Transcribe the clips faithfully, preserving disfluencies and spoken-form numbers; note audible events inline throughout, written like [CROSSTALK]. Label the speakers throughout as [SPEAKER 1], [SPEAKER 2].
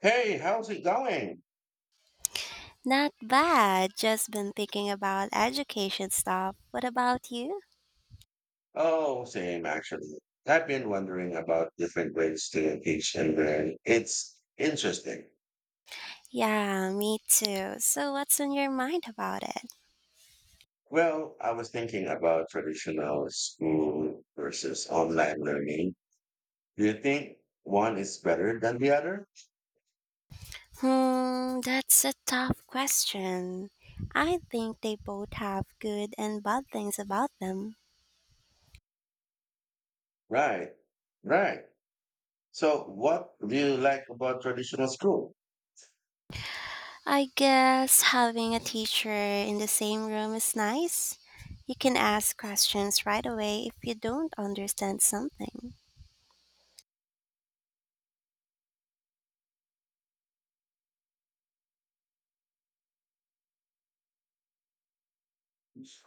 [SPEAKER 1] Hey, how's it going?
[SPEAKER 2] Not bad. Just been thinking about education stuff. What about you?
[SPEAKER 1] Oh, same actually. I've been wondering about different ways to engage and learn. It's interesting.
[SPEAKER 2] Yeah, me too. So, what's on your mind about it?
[SPEAKER 1] Well, I was thinking about traditional school versus online learning. Do you think one is better than the other?
[SPEAKER 2] Hmm, that's a tough question. I think they both have good and bad things about them.
[SPEAKER 1] Right, right. So, what do you like about traditional school?
[SPEAKER 2] I guess having a teacher in the same room is nice. You can ask questions right away if you don't understand something.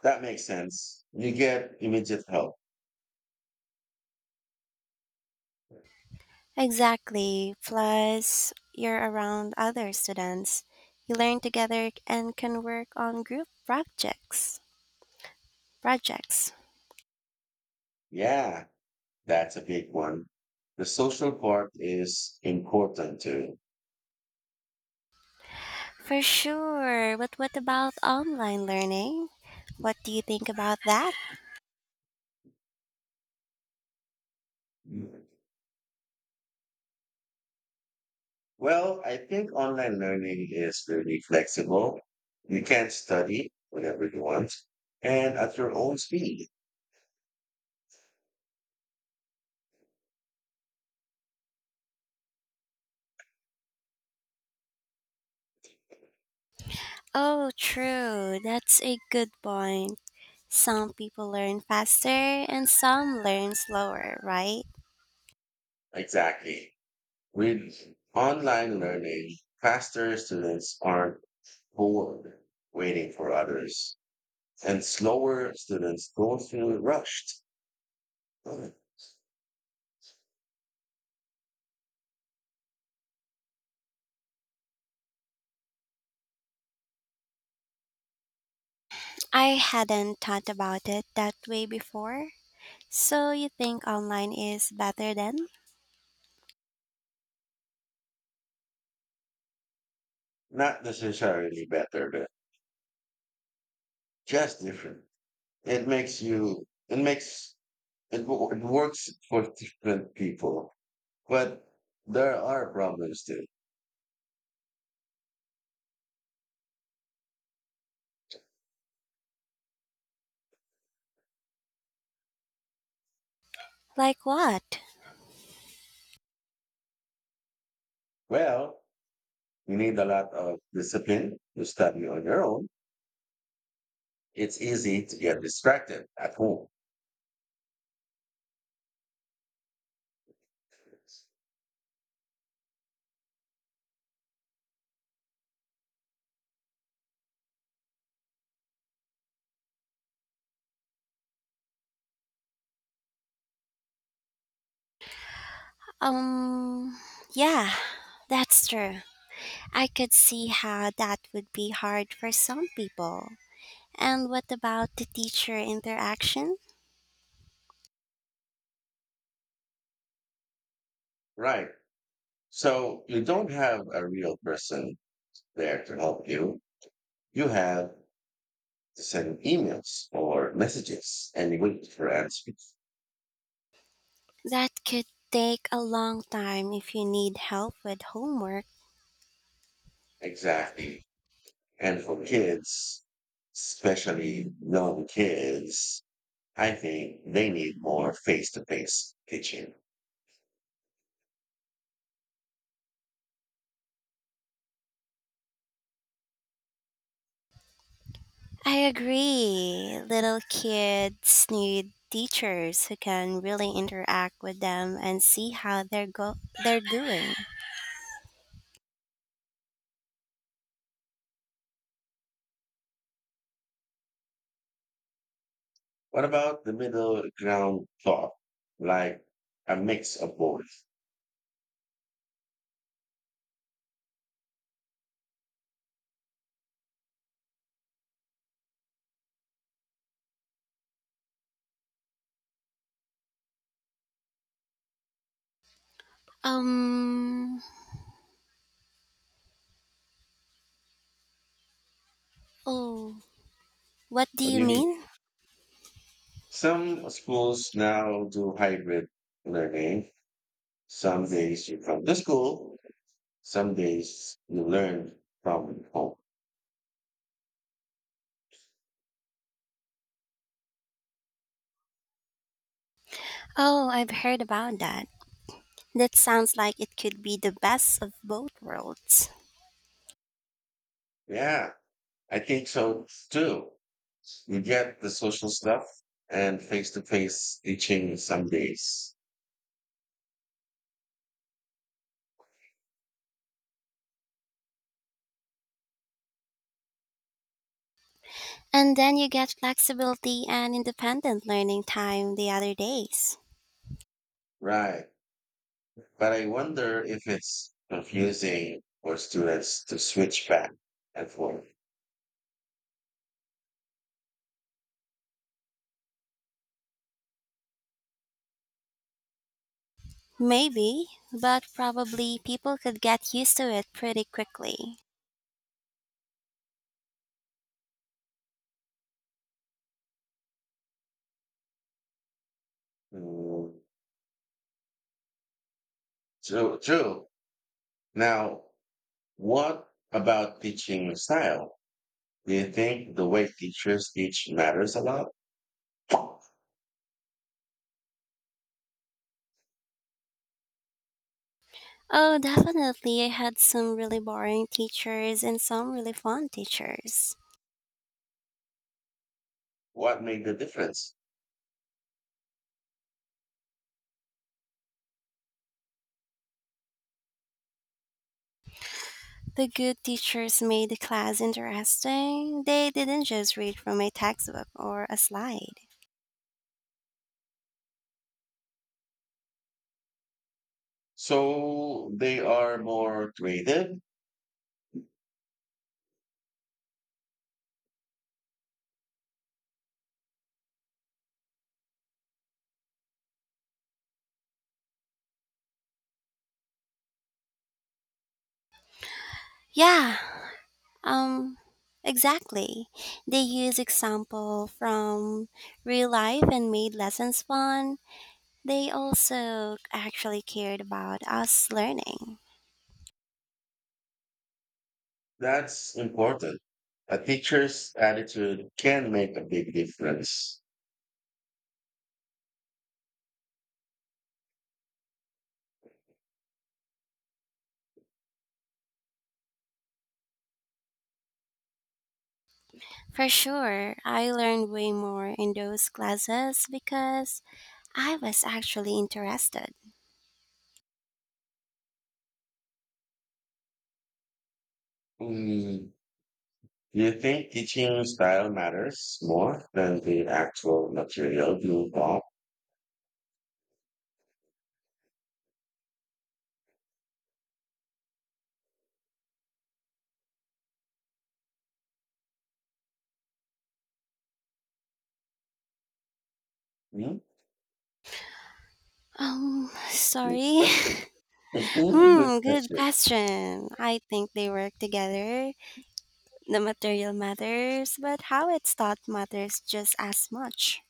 [SPEAKER 1] That makes sense. You get immediate help.
[SPEAKER 2] Exactly. Plus, you're around other students. You learn together and can work on group projects. Projects.
[SPEAKER 1] Yeah, that's a big one. The social part is important too.
[SPEAKER 2] For sure. But what about online learning? What do you think about that?
[SPEAKER 1] Mm. Well, I think online learning is really flexible. You can study whatever you want and at your own speed.
[SPEAKER 2] Oh, true. That's a good point. Some people learn faster and some learn slower, right?
[SPEAKER 1] Exactly. With online learning, faster students aren't bored waiting for others, and slower students don't feel rushed.
[SPEAKER 2] I hadn't thought about it that way before. So you think online is better then?
[SPEAKER 1] Not necessarily better, but just different. It makes you, it makes, it, wo- It works for different people. But there are problems too.
[SPEAKER 2] Like what?
[SPEAKER 1] Well, you need a lot of discipline to study on your own. It's easy to get distracted at home.
[SPEAKER 2] Um, yeah, that's true. I could see how that would be hard for some people. And what about the teacher interaction?
[SPEAKER 1] Right. So you don't have a real person there to help you. You have to send emails or messages and you wait for answers.
[SPEAKER 2] That could take a long time if you need help with homework.
[SPEAKER 1] Exactly. And for kids, especially young kids, I think they need more face to face teaching.
[SPEAKER 2] I agree. Little kids need teachers who can really interact with them and see how they're go they're doing.
[SPEAKER 1] What about the middle ground thought? Like a mix of both.
[SPEAKER 2] Um, oh, what do
[SPEAKER 1] What do
[SPEAKER 2] you
[SPEAKER 1] you mean?
[SPEAKER 2] mean?
[SPEAKER 1] Some schools now do hybrid learning. Some days you come to school, some days you learn from home.
[SPEAKER 2] Oh, I've heard about that. That sounds like it could be the best of both worlds.
[SPEAKER 1] Yeah, I think so too. You get the social stuff and face to face teaching some days.
[SPEAKER 2] And then you get flexibility and independent learning time the other days.
[SPEAKER 1] Right. But I wonder if it's confusing for students to switch back and forth.
[SPEAKER 2] Maybe, but probably people could get used to it pretty quickly.
[SPEAKER 1] Mm, True, true. Now, what about teaching style? Do you think the way teachers teach matters a lot?
[SPEAKER 2] Oh, definitely. I had some really boring teachers and some really fun teachers.
[SPEAKER 1] What made the difference?
[SPEAKER 2] The good teachers made the class interesting. They didn't just read from a textbook or a slide.
[SPEAKER 1] So they are more creative?
[SPEAKER 2] Yeah, Um, exactly. They use example from real life and made lessons fun. They also actually cared about us learning.
[SPEAKER 1] That's important. A teacher's attitude can make a big difference.
[SPEAKER 2] For sure, I learned way more in those classes because I was actually interested.
[SPEAKER 1] Mm, Do you think teaching style matters more than the actual material you bought? Hmm?
[SPEAKER 2] Um,
[SPEAKER 1] Good
[SPEAKER 2] sorry.
[SPEAKER 1] question. [LAUGHS]
[SPEAKER 2] [LAUGHS]
[SPEAKER 1] Good
[SPEAKER 2] Hmm, good
[SPEAKER 1] question.
[SPEAKER 2] question. I think they work together. The material matters, but how it's taught matters just as much.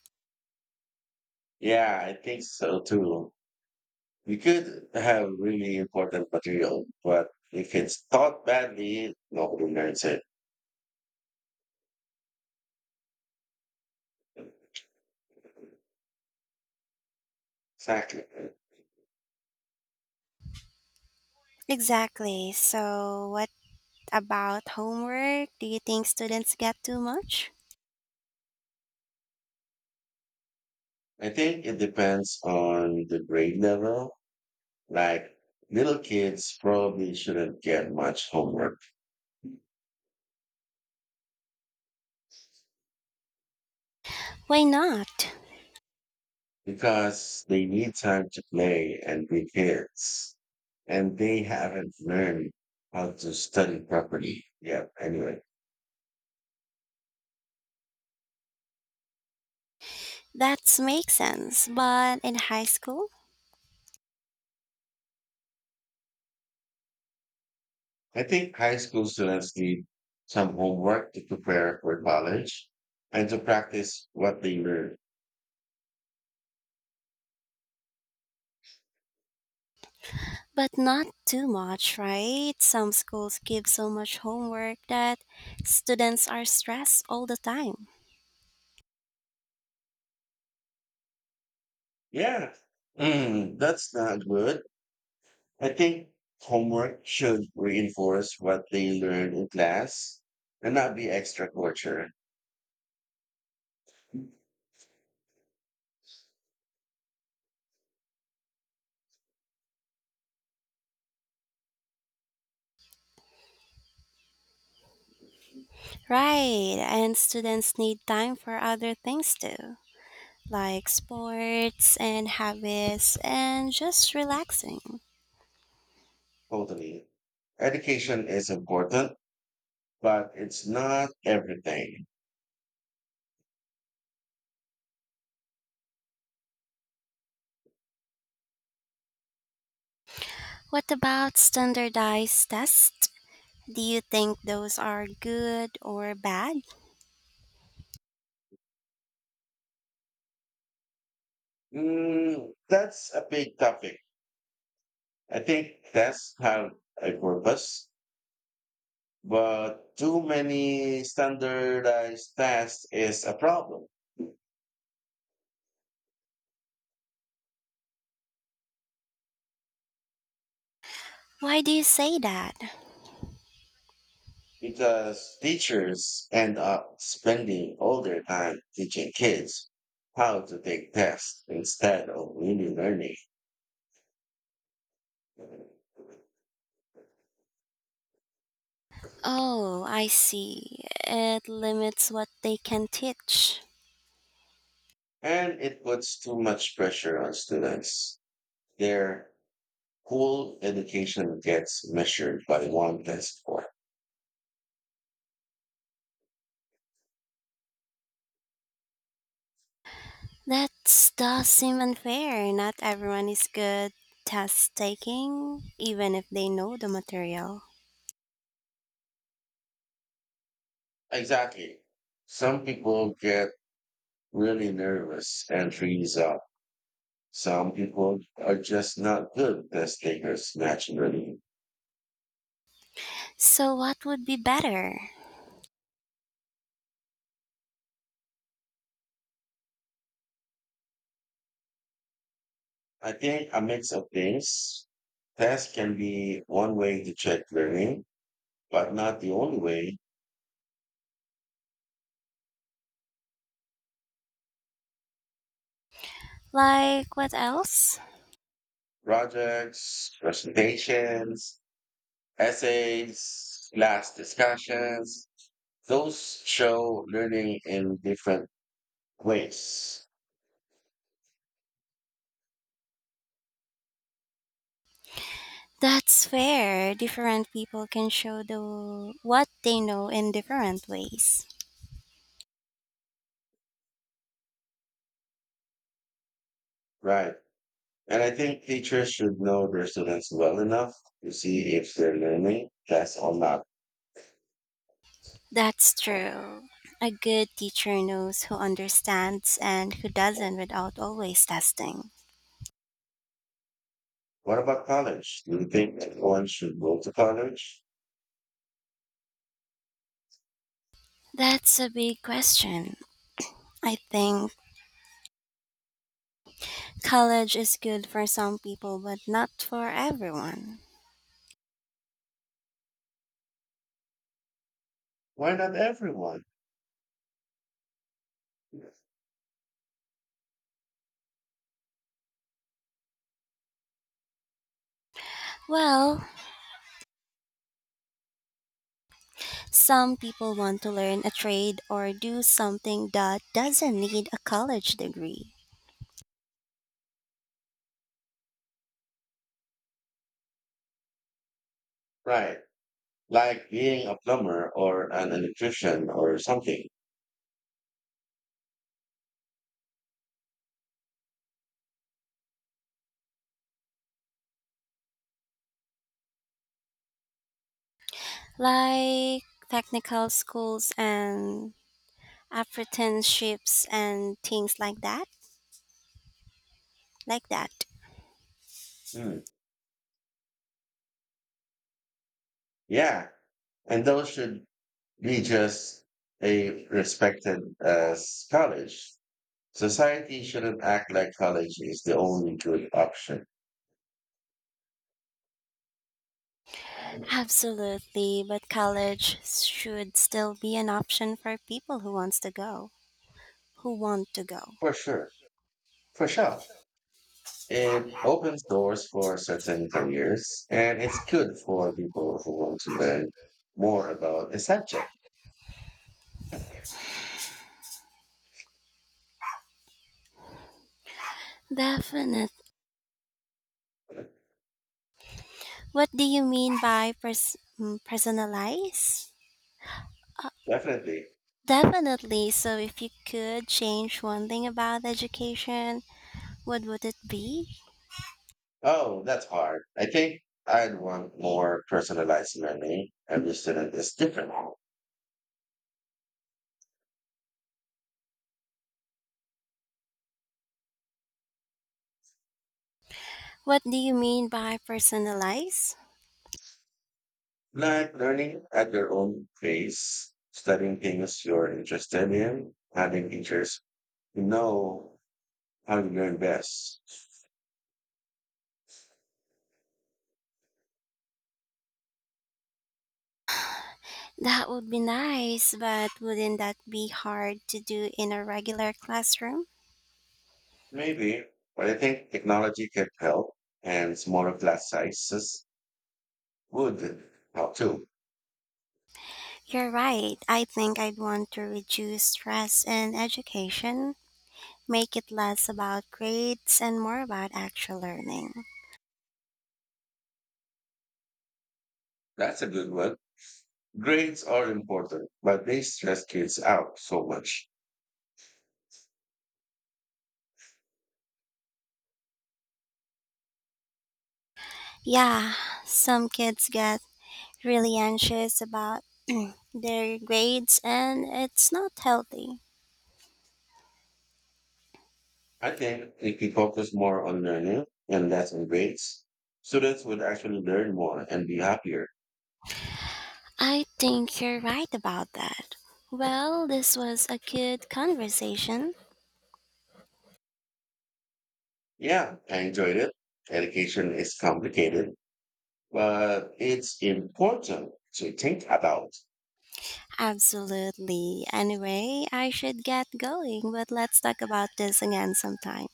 [SPEAKER 1] Yeah, I think so too. You could have really important material, but if it's taught badly, nobody learns it. Exactly.
[SPEAKER 2] Exactly. So, what about homework? Do you think students get too much?
[SPEAKER 1] I think it depends on the grade level. Like little kids probably shouldn't get much homework
[SPEAKER 2] Why not?
[SPEAKER 1] because they need time to play and be kids and they haven't learned how to study properly. Yeah. Anyway,
[SPEAKER 2] That makes sense. But in high school,
[SPEAKER 1] I think high school students need some homework to prepare for college and to practice what they learn.
[SPEAKER 2] but not too much, right? Some schools give so much homework that students are stressed all the time.
[SPEAKER 1] Yeah, mm, that's not good. I think homework should reinforce what they learn in class and not be extra torture.
[SPEAKER 2] Right. And students need time for other things too, like sports and habits and just relaxing.
[SPEAKER 1] Totally. Education is important but it's not everything.
[SPEAKER 2] What about standardized tests? Do you think those are good or bad?
[SPEAKER 1] Mm, that's a big topic. I think tests have a purpose, but too many standardized tests is a problem.
[SPEAKER 2] Why do you say that?
[SPEAKER 1] Because teachers end up spending all their time teaching kids how to take tests instead of really learning.
[SPEAKER 2] Oh, I see. It limits what they can teach.
[SPEAKER 1] And it puts too much pressure on students. Their whole education gets measured by one test score.
[SPEAKER 2] That does seem unfair. Not everyone is good test taking, even if they know the material.
[SPEAKER 1] Exactly. Some people get really nervous and freeze up. Some people are just not good test takers naturally.
[SPEAKER 2] So, what would be better?
[SPEAKER 1] I think a mix of things. Tests can be one way to check learning, but not the only way.
[SPEAKER 2] Like, what else?
[SPEAKER 1] Projects, presentations, essays, class discussions, those show learning in different ways,
[SPEAKER 2] That's fair. Different people can show the what they know in different ways.
[SPEAKER 1] right? And I think teachers should know their students well enough to see if they're learning tests or not.
[SPEAKER 2] That's true. A good teacher knows who understands and who doesn't without always testing.
[SPEAKER 1] What about college? Do you think everyone should go to college?
[SPEAKER 2] That's a big question. I think college is good for some people, but not for everyone.
[SPEAKER 1] Why not everyone?
[SPEAKER 2] Well, some people want to learn a trade or do something that doesn't need a college degree,
[SPEAKER 1] Right. Like being a plumber or an electrician or something.
[SPEAKER 2] like technical schools and apprenticeships and things like that. Like that.
[SPEAKER 1] Hmm. Yeah. And those should be just a respected as college. Society shouldn't act like college is the only good option.
[SPEAKER 2] Absolutely, but college should still be an option for people who wants to go, who want to go.
[SPEAKER 1] For sure. For sure. It opens doors for certain careers and it's good for people who want to learn more about a subject.
[SPEAKER 2] Definite. What do you mean by pers- mm, personalize?
[SPEAKER 1] Definitely.
[SPEAKER 2] Definitely. So if you could change one thing about education, what would it be?
[SPEAKER 1] Oh, that's hard. I think I'd want more personalized learning. Every student is different.
[SPEAKER 2] What do you mean by personalize?
[SPEAKER 1] Like learning at your own pace, studying things you're interested in, having teachers who know how you learn best.
[SPEAKER 2] That would be nice, but wouldn't that be hard to do in a regular classroom?
[SPEAKER 1] Maybe, but I think technology can help and smaller class sizes would help too.
[SPEAKER 2] You're right. I think I'd want to reduce stress in education, make it less about grades and more about actual learning.
[SPEAKER 1] That's a good one. Grades are important, but they stress kids out so much.
[SPEAKER 2] Yeah, some kids get really anxious about their grades and it's not healthy.
[SPEAKER 1] I think if we focus more on learning and less on grades, students would actually learn more and be happier.
[SPEAKER 2] I think you're right about that. Well, this was a good conversation.
[SPEAKER 1] Yeah, I enjoyed it. Education is complicated, but it's important to think about.
[SPEAKER 2] Absolutely. Anyway, I should get going, but let's talk about this again sometime.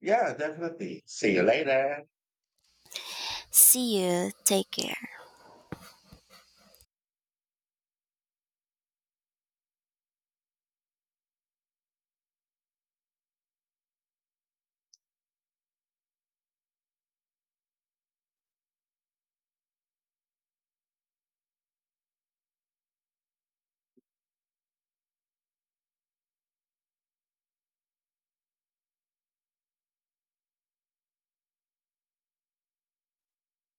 [SPEAKER 1] Yeah, definitely. See you later.
[SPEAKER 2] See you. Take care.